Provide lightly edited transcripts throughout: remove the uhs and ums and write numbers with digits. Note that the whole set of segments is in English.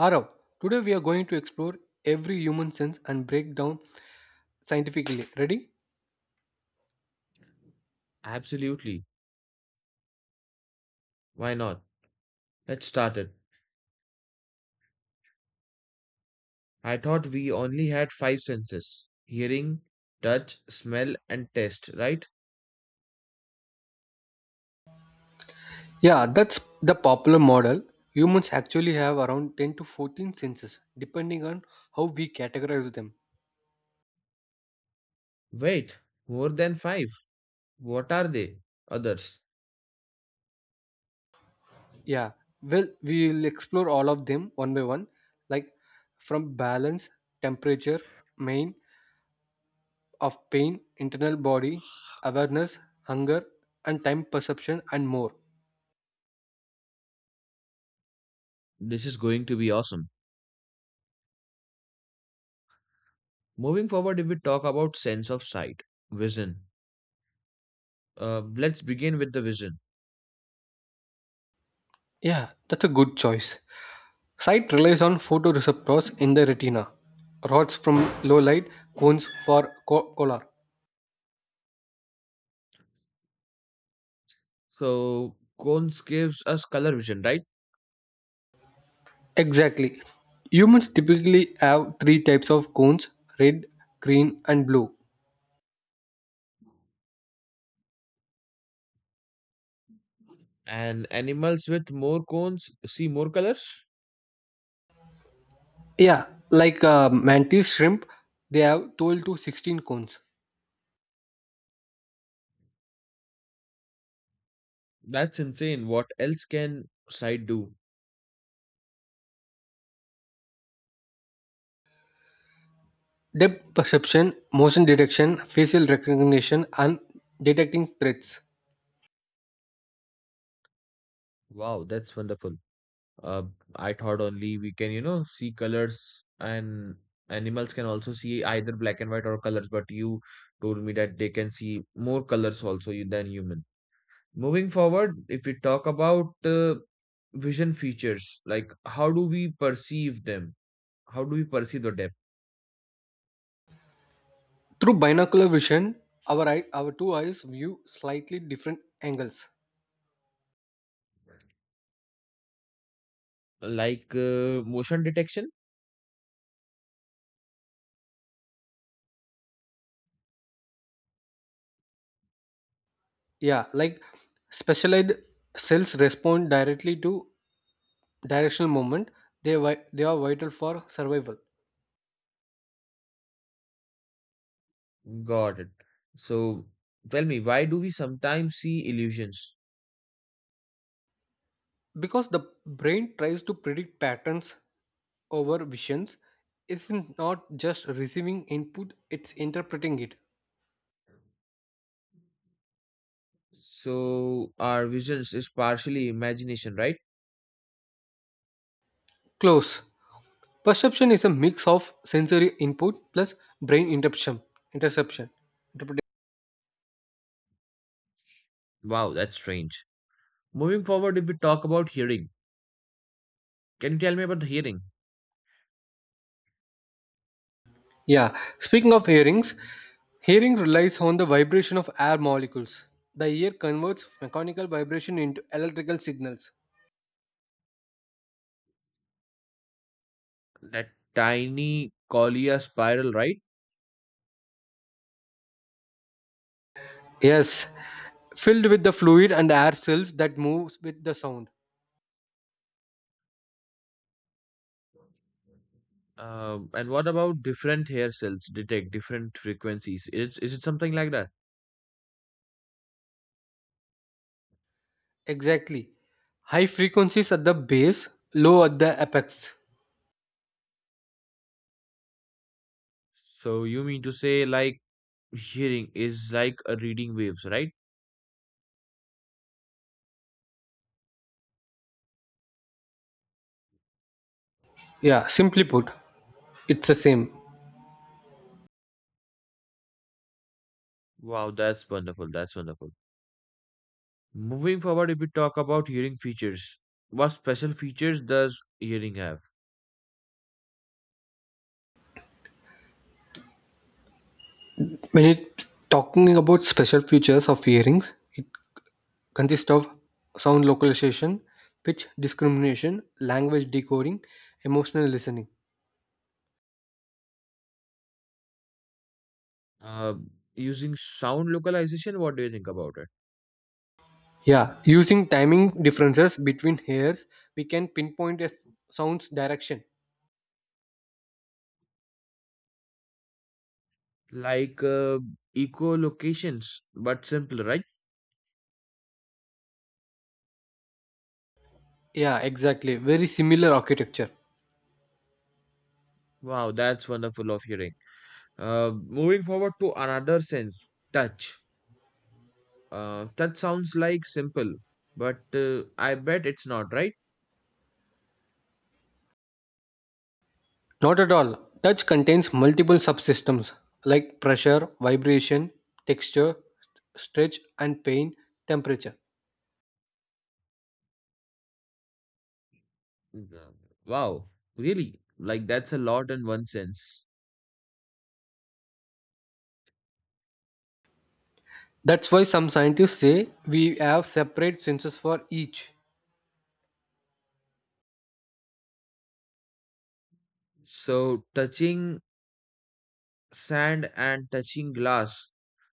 Arav, today we are going to explore every human sense and break down scientifically. Ready? Absolutely. Why not? Let's start it. I thought we only had five senses hearing, touch, smell, and taste, right? Yeah, that's the popular model. Humans actually have around 10 to 14 senses, depending on how we categorize them. Wait, more than five. What are they? Others. Yeah, well, we will explore all of them one by one, like from balance, temperature, main, of pain, internal body, awareness, hunger, and time perception, and more. This is going to be awesome. Moving forward, if we talk about sense of sight, vision. Let's begin with the vision. Yeah, that's a good choice. Sight relies on photoreceptors in the retina, rods from low light, cones for color. So, cones gives us color vision, right? Exactly. Humans typically have three types of cones: red, green, and blue. And animals with more cones see more colors? Yeah, like mantis shrimp, they have 12 to 16 cones. That's insane. What else can sight do? Depth perception, motion detection, facial recognition, and detecting threats. Wow, that's wonderful. uh, I thought only we can, you know, see colors and animals can also see either black and white or colors, but you told me that they can see more colors also than human. Moving forward, if we talk about vision features, like how do we perceive them? How do we perceive the depth? Through binocular vision, our two eyes view slightly different angles. Like motion detection? Yeah, like specialized cells respond directly to directional movement. They are vital for survival. Got it. So tell me, why do we sometimes see illusions? Because the brain tries to predict patterns over visions, it's not just receiving input, it's interpreting it. So our visions is partially imagination, right? Close. Perception is a mix of sensory input plus brain interception interpretation Wow, that's strange. Moving forward, if we talk about hearing, can you tell me about the hearing? Yeah, speaking of hearings, hearing relies on the vibration of air molecules. The ear converts mechanical vibration into electrical signals. That tiny collier spiral, right? Yes, filled with the fluid and air cells that moves with the sound. And what about different hair cells detect different frequencies? Is it something like that? Exactly. High frequencies at the base, low at the apex. So you mean to say like hearing is like a reading waves, right? Yeah, simply put, it's the same. Wow, that's wonderful. That's wonderful. Moving forward, if we talk about hearing features, what special features does hearing have? When it talking about special features of hearings, it consists of sound localization, pitch discrimination, language decoding, emotional listening. Uh, Using sound localization, what do you think about it? Yeah, using timing differences between hairs, we can pinpoint a sound's direction. Like eco-locations, but simpler, right? Yeah, exactly. Very similar architecture. Wow, that's wonderful of hearing. Moving forward to another sense, touch. Touch sounds like simple, but I bet it's not, right? Not at all. Touch contains multiple subsystems like pressure, vibration, texture, stretch, and pain, temperature. Mhm. Wow, really? Like that's a lot in one sense. That's why some scientists say we have separate senses for each. So touching sand and touching glass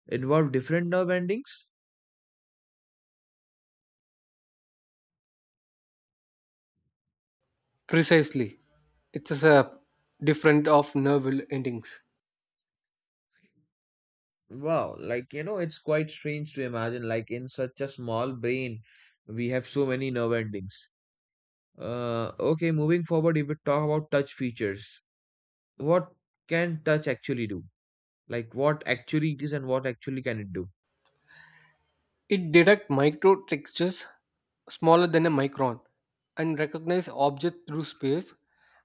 involve different nerve endings? Precisely. It's a different of nerve endings. Wow, like you know, it's quite strange to imagine. Like in such a small brain, we have so many nerve endings. Okay, moving forward, if we talk about touch features, what can touch actually do? Like what actually it is and what actually can it do? It detects micro textures smaller than a micron, and recognize objects through space,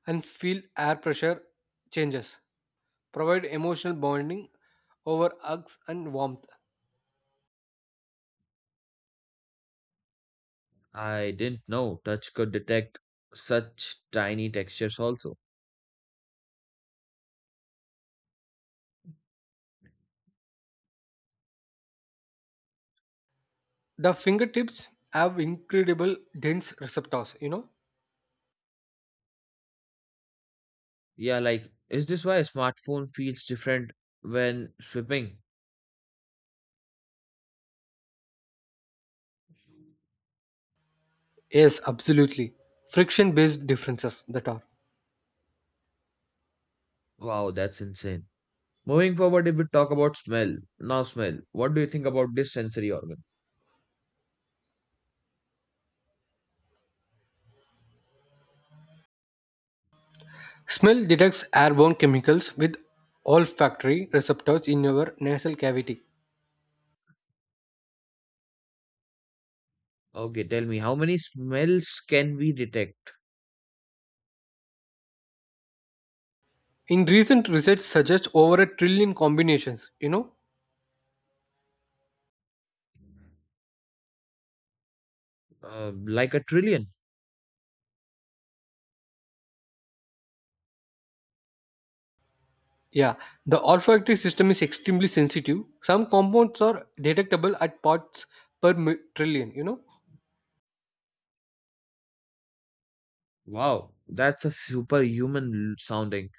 and feel air pressure changes, provide emotional bonding over hugs and warmth. I didn't know touch could detect such tiny textures also. The fingertips have incredible dense receptors, you know? Yeah, like is this why a smartphone feels different when swiping? Yes, absolutely. Friction based differences that are. Wow, that's insane. Moving forward, if we talk about smell, now smell, what do you think about this sensory organ? Smell detects airborne chemicals with olfactory receptors in your nasal cavity. Okay, tell me, how many smells can we detect? In recent research suggests over a trillion combinations, you know. Like a trillion. Yeah, the olfactory system is extremely sensitive. Some compounds are detectable at parts per trillion, you know? Wow, that's a sounding.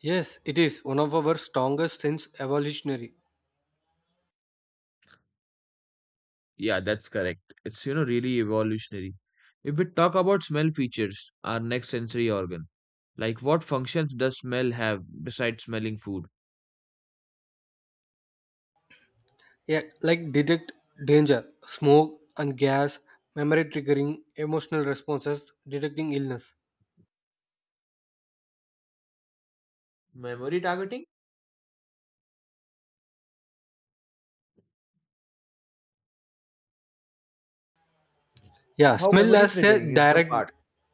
Yes, it is one of our strongest sense evolutionary. Yeah, that's correct. It's, you know, really evolutionary. If we talk about smell features, our next sensory organ, like what functions does smell have besides smelling food? Yeah, like detect danger, smoke and gas, memory triggering, emotional responses, detecting illness. Memory targeting? Yeah, How smell memory has a triggering is the part. direct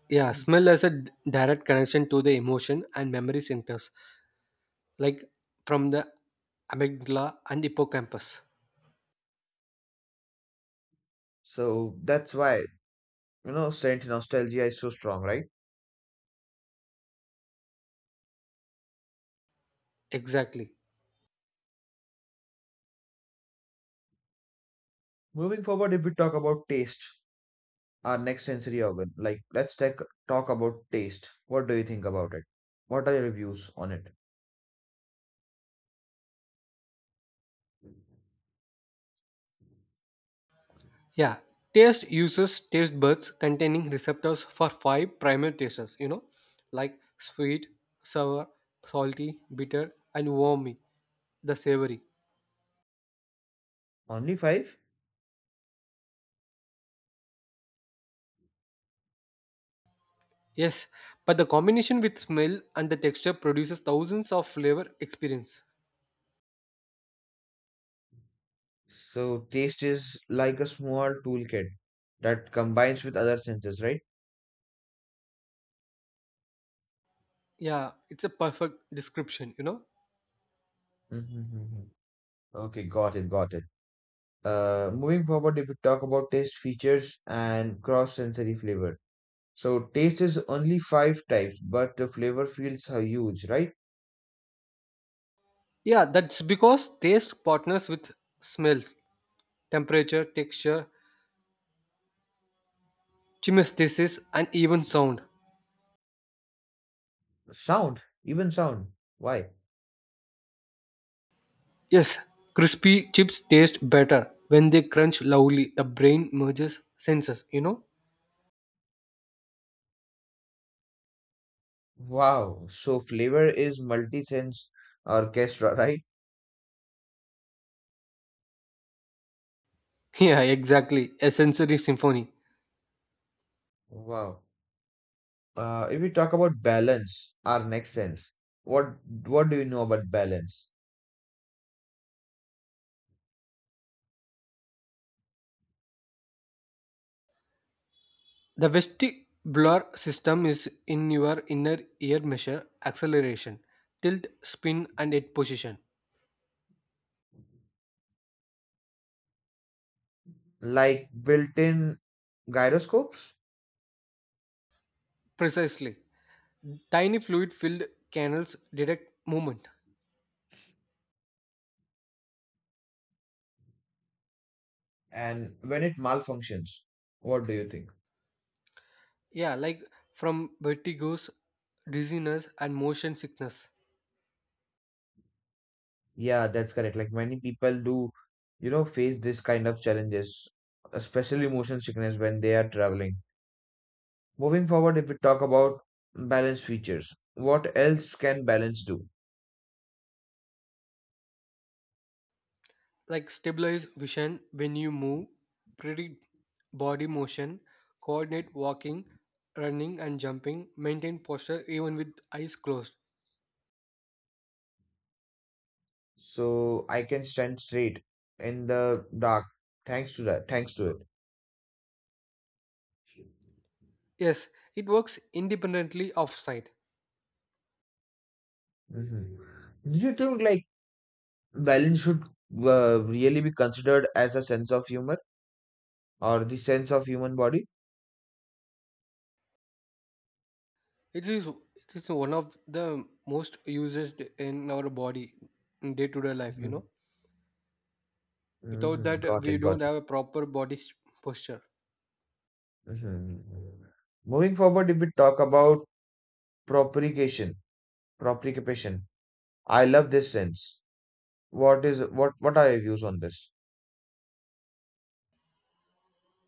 yeah, Smell has a direct connection to the emotion and memory centers, like from the amygdala and hippocampus. So that's why, you know, scent nostalgia is so strong, right? Exactly. Moving forward, if we talk about taste, our next sensory organ, like talk about taste. What do you think about it? What are your views on it? Yeah, taste uses taste buds containing receptors for five primary tastes, you know, like sweet, sour, salty, bitter, and warmy, the savory. Only five? Yes, but the combination with smell and the texture produces thousands of flavor experience. So taste is like a small toolkit that combines with other senses, right? Yeah, it's a perfect description, you know. Mm-hmm. Okay, got it, got it. Moving forward, if we talk about taste features and cross-sensory flavor. So taste is only five types, but the flavor feels are huge, right? Yeah, that's because taste partners with smells, temperature, texture, chemesthesis, and even sound. Sound, even sound. Why? Yes, crispy chips taste better when they crunch loudly. The brain merges senses, you know? Wow. So flavor is multi-sense orchestra, right? Yeah, exactly. A sensory symphony. Wow. If we talk about balance, our next sense, what what do you know about balance? The vestibular system is in your inner ear measure acceleration, tilt, spin, and its position. Like built-in gyroscopes. Precisely. Tiny fluid filled canals detect movement. And when it malfunctions, what do you think? Yeah, like from vertigo's dizziness, and motion sickness. Yeah, that's correct. Like many people do, you know, face this kind of challenges, especially motion sickness when they are traveling. Moving forward, if we talk about balance features, what else can balance do? Like stabilize vision when you move, predict body motion, coordinate walking, running, and jumping, maintain posture even with eyes closed. So I can stand straight in the dark thanks to that thanks to it. Yes, it works independently of sight. Mhm. Do you think like balance should really be considered as a sense of humor or the sense of human body. It is one of the most used in our body in day to day life, you Hmm. know. Without Hmm. that Got we it, got don't it. have a proper posture. Hmm. Moving forward, if we talk about propagation, propagation, I love this sense. What is what? What are your views on this?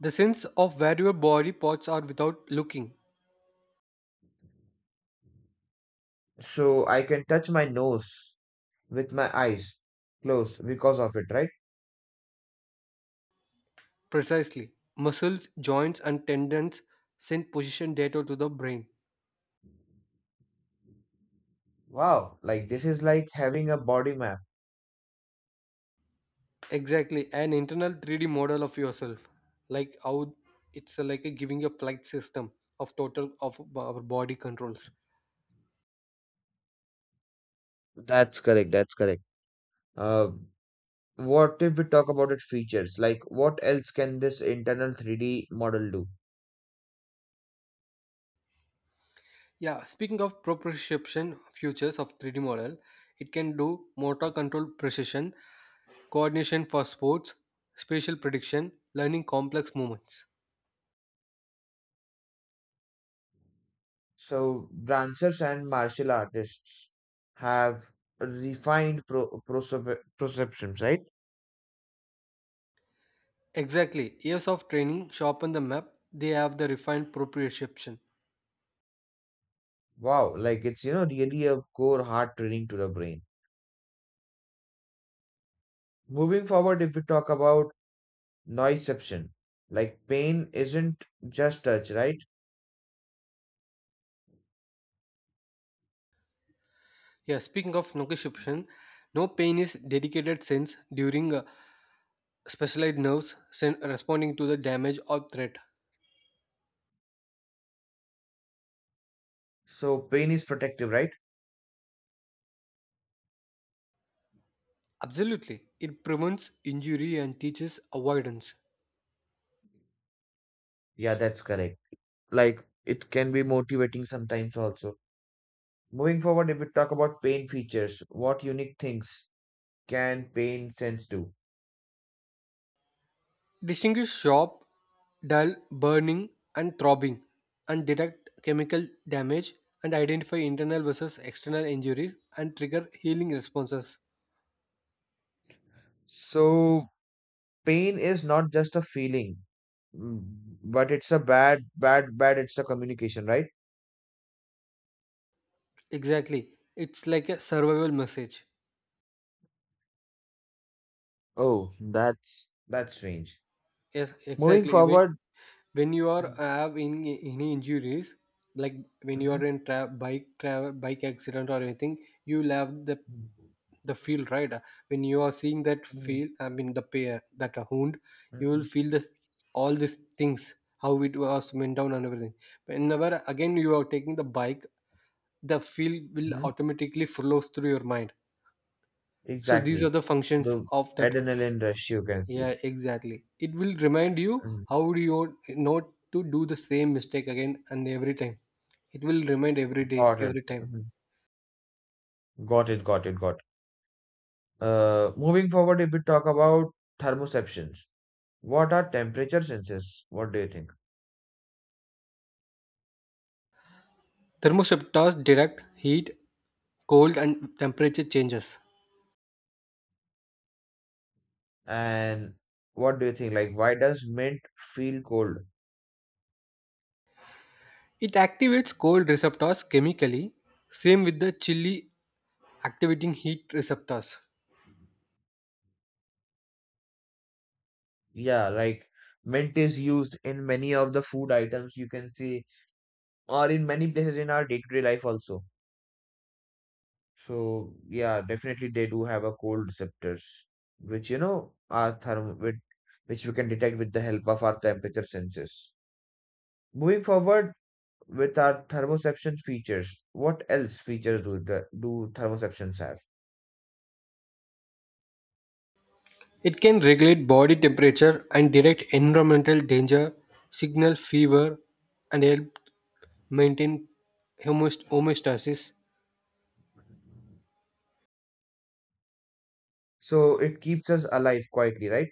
The sense of where your body parts are without looking. So I can touch my nose with my eyes closed because of it, right? Precisely. Muscles, joints, and tendons send position data to the brain. Wow, like this is like having a body map. Exactly, an internal 3D model of yourself, like how it's like a giving a flight system of total of our body controls. That's correct. That's correct. Uh, what if we talk about its features? Like, what else can this internal 3D model do? Yeah, speaking of proprioception features of 3D model, it can do motor control precision, coordination for sports, spatial prediction, learning complex movements. So, dancers and martial artists have refined perceptions, right? Exactly, years of training sharpen the map. They have the refined proprioception. Wow, like it's, you know, really a core hard training to the brain. Moving forward, if we talk about noiseception, like pain isn't just touch, right? Yeah, speaking of Nokishipshin, no pain is dedicated sense during specialized responding to the damage or threat. So, pain is protective, right? Absolutely. It prevents injury and teaches avoidance. Yeah, that's correct. Like it can be motivating sometimes also. Moving forward, if we talk about pain features, what unique things can pain sense do? Distinguish sharp, dull, burning, and throbbing, and detect chemical damage, and identify internal versus external injuries, and trigger healing responses. So, pain is not just a feeling, mm, but it's a bad, bad, bad. It's a communication, right? Exactly. It's like a survival message. Oh, that's strange. Yes, Moving exactly. Even forward. when you are have in any injuries, like when you Mm-hmm. are in bike accident or anything, you'll have the feel, right? When you are seeing that Hmm. feel, I mean the pair that a wound, you will feel this, all these things, how it was went down and everything. Whenever again you are taking the bike, the feel will Hmm. automatically flows through your mind. So these are Exactly. the functions The of that. adrenaline rush, you can see. Yeah, exactly. It will remind you Mhm. how do you not to do the same mistake again and every time. It will remind every day, Got it. every time. Mhm. Got it. Got it. Got it. Moving forward, if we talk about thermoceptions, what are temperature senses? What do you think? Thermoreceptors detect heat, cold, and temperature changes. And what do you think? Like, why does mint feel cold? It activates cold receptors chemically, same with the chilly activating heat receptors. Yeah, like mint is used in many of the food items you can see, or in many places in our day-to-day life also. So yeah, definitely they do have a cold receptors, which you know are therm with which we can detect with the help of our temperature sensors. Moving forward with our thermoception features, what else features do the do thermoceptions have? It can regulate body temperature and detect environmental danger, signal fever, and help maintain homeostasis. So it keeps us alive quietly, right?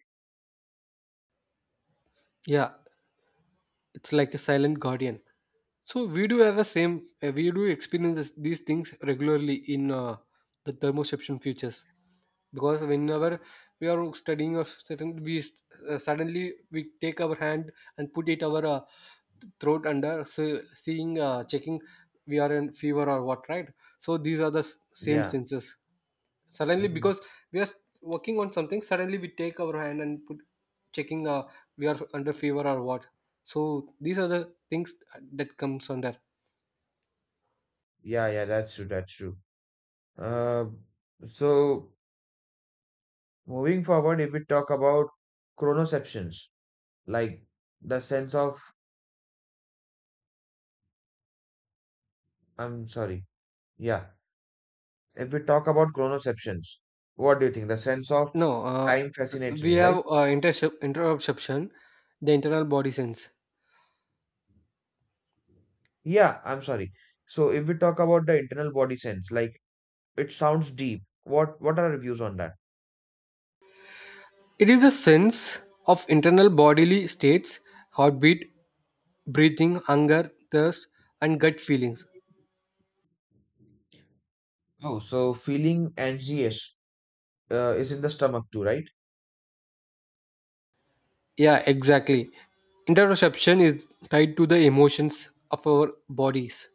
Yeah, it's like a silent guardian. So we do have a same. We do experience this, these things regularly in the thermoception futures, because whenever we are studying a certain, suddenly we take our hand and put it our throat under, so seeing, checking, we are in fever or what, right? So these are the same Yeah. senses, suddenly Hmm. because we are working on something, suddenly we take our hand and put checking, we are under fever or what. So these are the things that comes under. Yeah, yeah, that's true, that's true. Uh, so. Moving forward, if we talk about chronoceptions, like the sense of, I'm sorry, yeah, if we talk about chronoceptions, what do you think? The sense of No time fascinates We me, have right? Interoception, the internal body sense. Yeah, I'm sorry. So if we talk about the internal body sense, like it sounds deep. What are your views on that? It is the sense of internal bodily states: heartbeat, breathing, hunger, thirst, and gut feelings. Oh, so feeling anxious is in the stomach too, right? Yeah, exactly. Interoception is tied to the emotions of our bodies.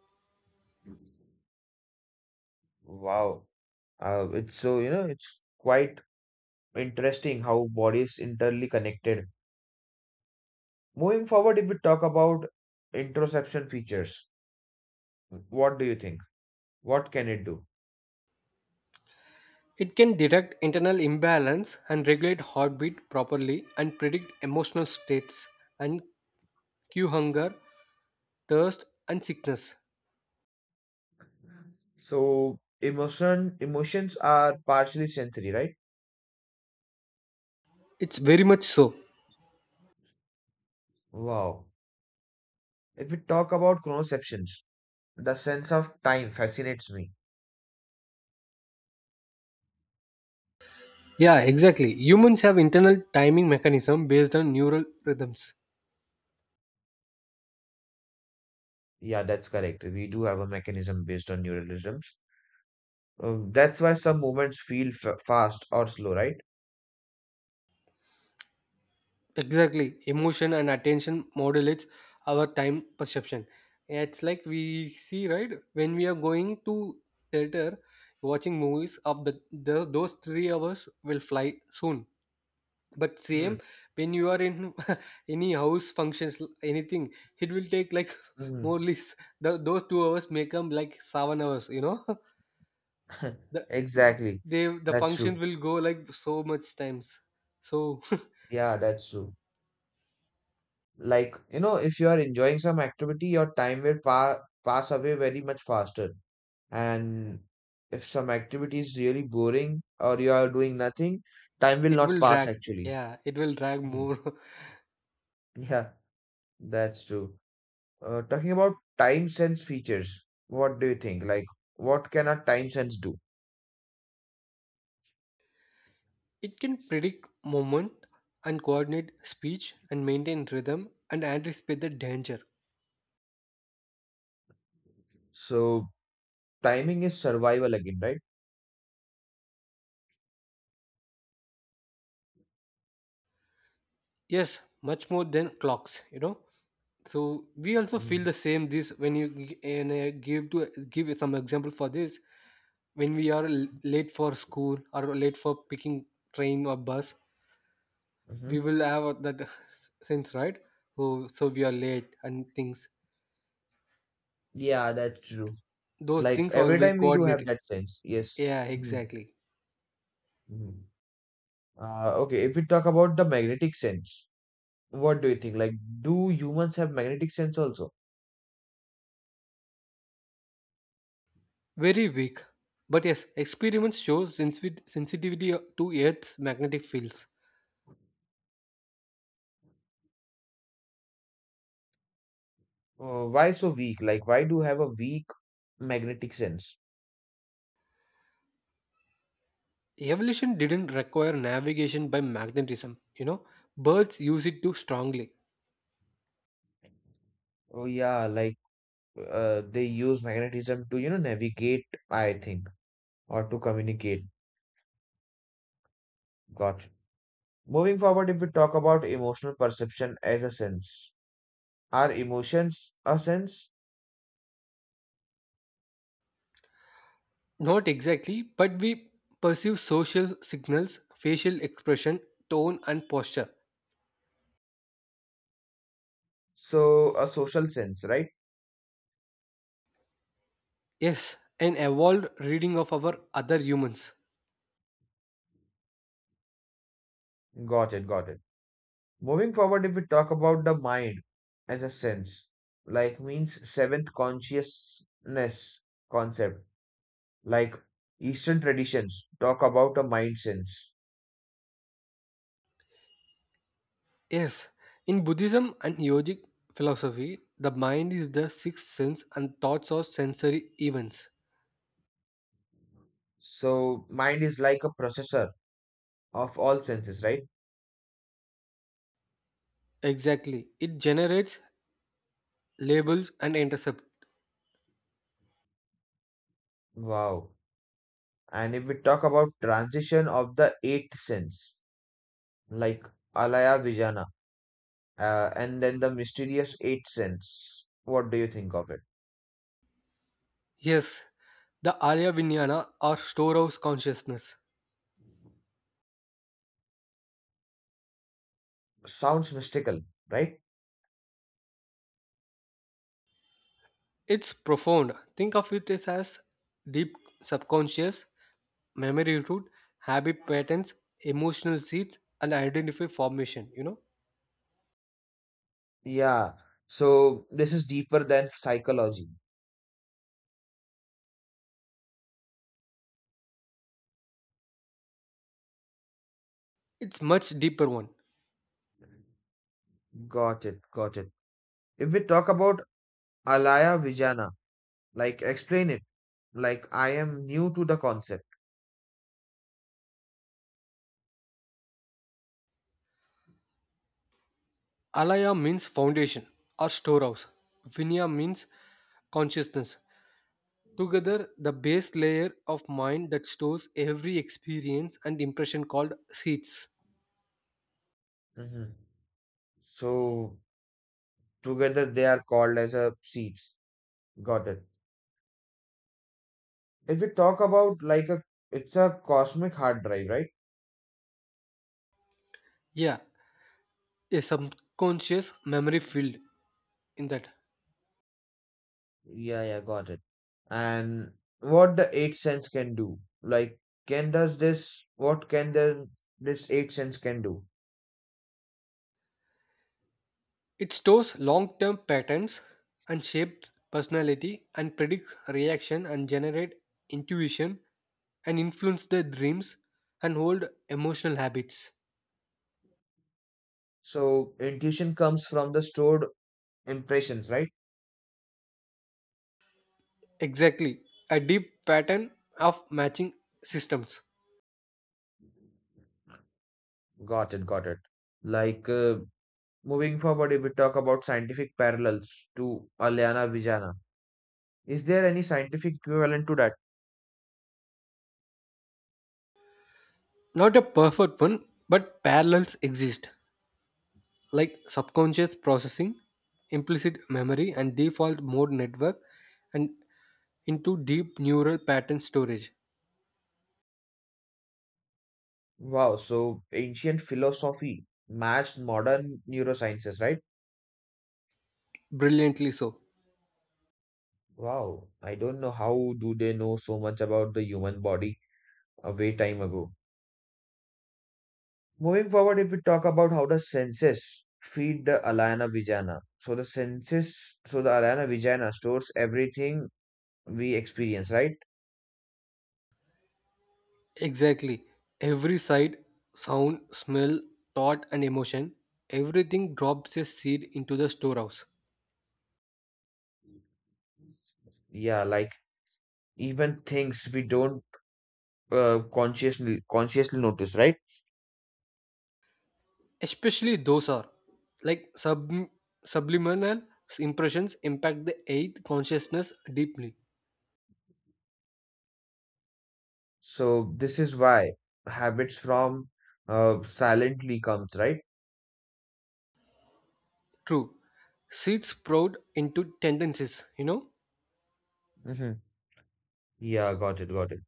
Wow. It's so, you know, it's quite interesting how bodies internally connected. Moving forward, if we talk about interoception features, what do you think? What can it do? It can detect internal imbalance, and regulate heartbeat properly, and predict emotional states, and cue hunger, thirst, and sickness. So emotions are partially sensory, right? It's very much so. Wow. If we talk about chronoceptions, the sense of time fascinates me. Yeah, exactly. Humans have internal timing mechanism based on neural rhythms. Yeah, that's correct. We do have a mechanism based on neuralisms. That's why some movements feel f fast or slow, right? Exactly. Emotion and attention modulates our time perception. Yeah, it's like we see, right? When we are going to theater, watching movies of the those 3 hours will fly soon. But same Mm-hmm. when you are in any house functions anything, it will take like more or less those 2 hours may come like 7 hours, you know. the Exactly. the That's true. function will go like so much times. So Yeah, that's true. Like, you know, if you are enjoying some activity, your time will pa pass away very much faster. And if some activity is really boring or you are doing nothing, time will it not will pass drag. actually. Yeah, it will drag Mhm. more. Yeah, that's true. Talking about time sense features, what do you think? Like, what can our time sense do? It can predict moment, and coordinate speech, and maintain rhythm, and anticipate the danger. So, timing is survival again, right? Yes, much more than clocks, you know. So we also feel Mm. the same this when you g- and give to give some example for this. When we are late for school or late for picking train or bus, Hmm. we will have that sense, right? So so we are late and things. Yeah, that's true. Those Like things all every will time we do have coordinate. that sense. Yes. Yeah, Mm-hmm. exactly. Okay, if we talk about the magnetic sense, what do you think? Like, do humans have magnetic sense also? Very weak, but yes, experiments show sensitivity to earth's magnetic fields. Why so weak? Like, why do have a weak magnetic sense? Evolution didn't require navigation by magnetism, you know. Birds use it too strongly. Oh yeah, like they use magnetism to, you know, navigate, I think, or to communicate. Got you. Moving forward, if we talk about emotional perception as a sense, are emotions a sense? Not exactly, but we perceive social signals, facial expression, tone, and posture. So a social sense, right? Yes, an evolved reading of our other humans. Got it, got it. Moving forward, if we talk about the mind as a sense, like means seventh consciousness concept, like Eastern traditions talk about a mind sense. Yes, in Buddhism and yogic philosophy, the mind is the sixth sense and thoughts are sensory events. So, mind is like a processor of all senses, right? Exactly, it generates labels and intercept. Wow. And if we talk about transition of the eighth sense, like Alaya Vijana, and then the mysterious eighth sense, what do you think of it? Yes, the Arya Vijnana or storehouse consciousness. Sounds mystical, right? It's profound. Think of it as deep subconscious, memory root, habit patterns, emotional seeds, and identity formation, you know. Yeah, so this is deeper than psychology. It's much deeper one. Got it, got it. If we talk about Alaya Vijana, like explain it, like I am new to the concept. Alaya means foundation or storehouse. Vinaya means consciousness. Together, the base layer of mind that stores every experience and impression called seeds. Hmm. So together they are called as a seeds. Got it. If we talk about like a, it's a cosmic hard drive, right? Yeah, a subconscious memory field in that. Yeah, yeah, got it. And what the eight sense can do, like what can the this eight sense can do? It stores long term patterns, and shapes personality, and predicts reaction, and generate intuition, and influence their dreams, and hold emotional habits. So intuition comes from the stored impressions, right? Exactly, a deep pattern of matching systems. Got it, got it. Like moving forward, if we talk about scientific parallels to Alyana Vijana, is there any scientific equivalent to that? Not a perfect one, but parallels exist, like subconscious processing, implicit memory, and default mode network, and into deep neural pattern storage. Wow, so ancient philosophy matched modern neurosciences, right? Brilliantly so. Wow, I don't know how do they know so much about the human body a way time ago. Moving forward, if we talk about how the senses feed the Alana Vijana, so the senses, so the Alana Vijana stores everything we experience, right? Exactly. Every sight, sound, smell, thought, and emotion, everything drops a seed into the storehouse. Yeah, like even things we don't consciously notice, right? Especially those are like subliminal impressions impact the eighth consciousness deeply. So this is why habits from silently comes, right? True. Seeds sprout into tendencies, you know? Mm-hmm. Yeah, got it, got it.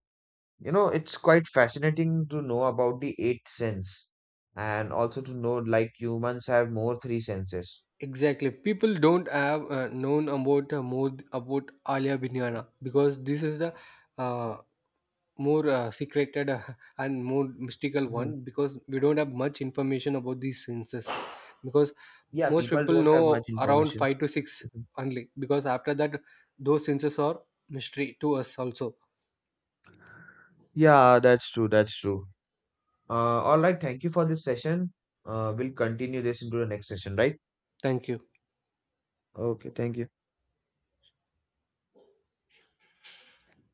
You know, it's quite fascinating to know about the eight sense, and also to know like humans have more three senses. Exactly. People don't have known about about Alia Binyana, because this is the uh, more secreted and more mystical one, because we don't have much information about these senses, because Yeah, most people people don't know have much around information. 5 to 6 Mhm. only, because after that those senses are mystery to us also. Yeah, that's true. That's true. All right, thank you for this session. We'll continue this into the next session, right? Thank you. Okay, thank you.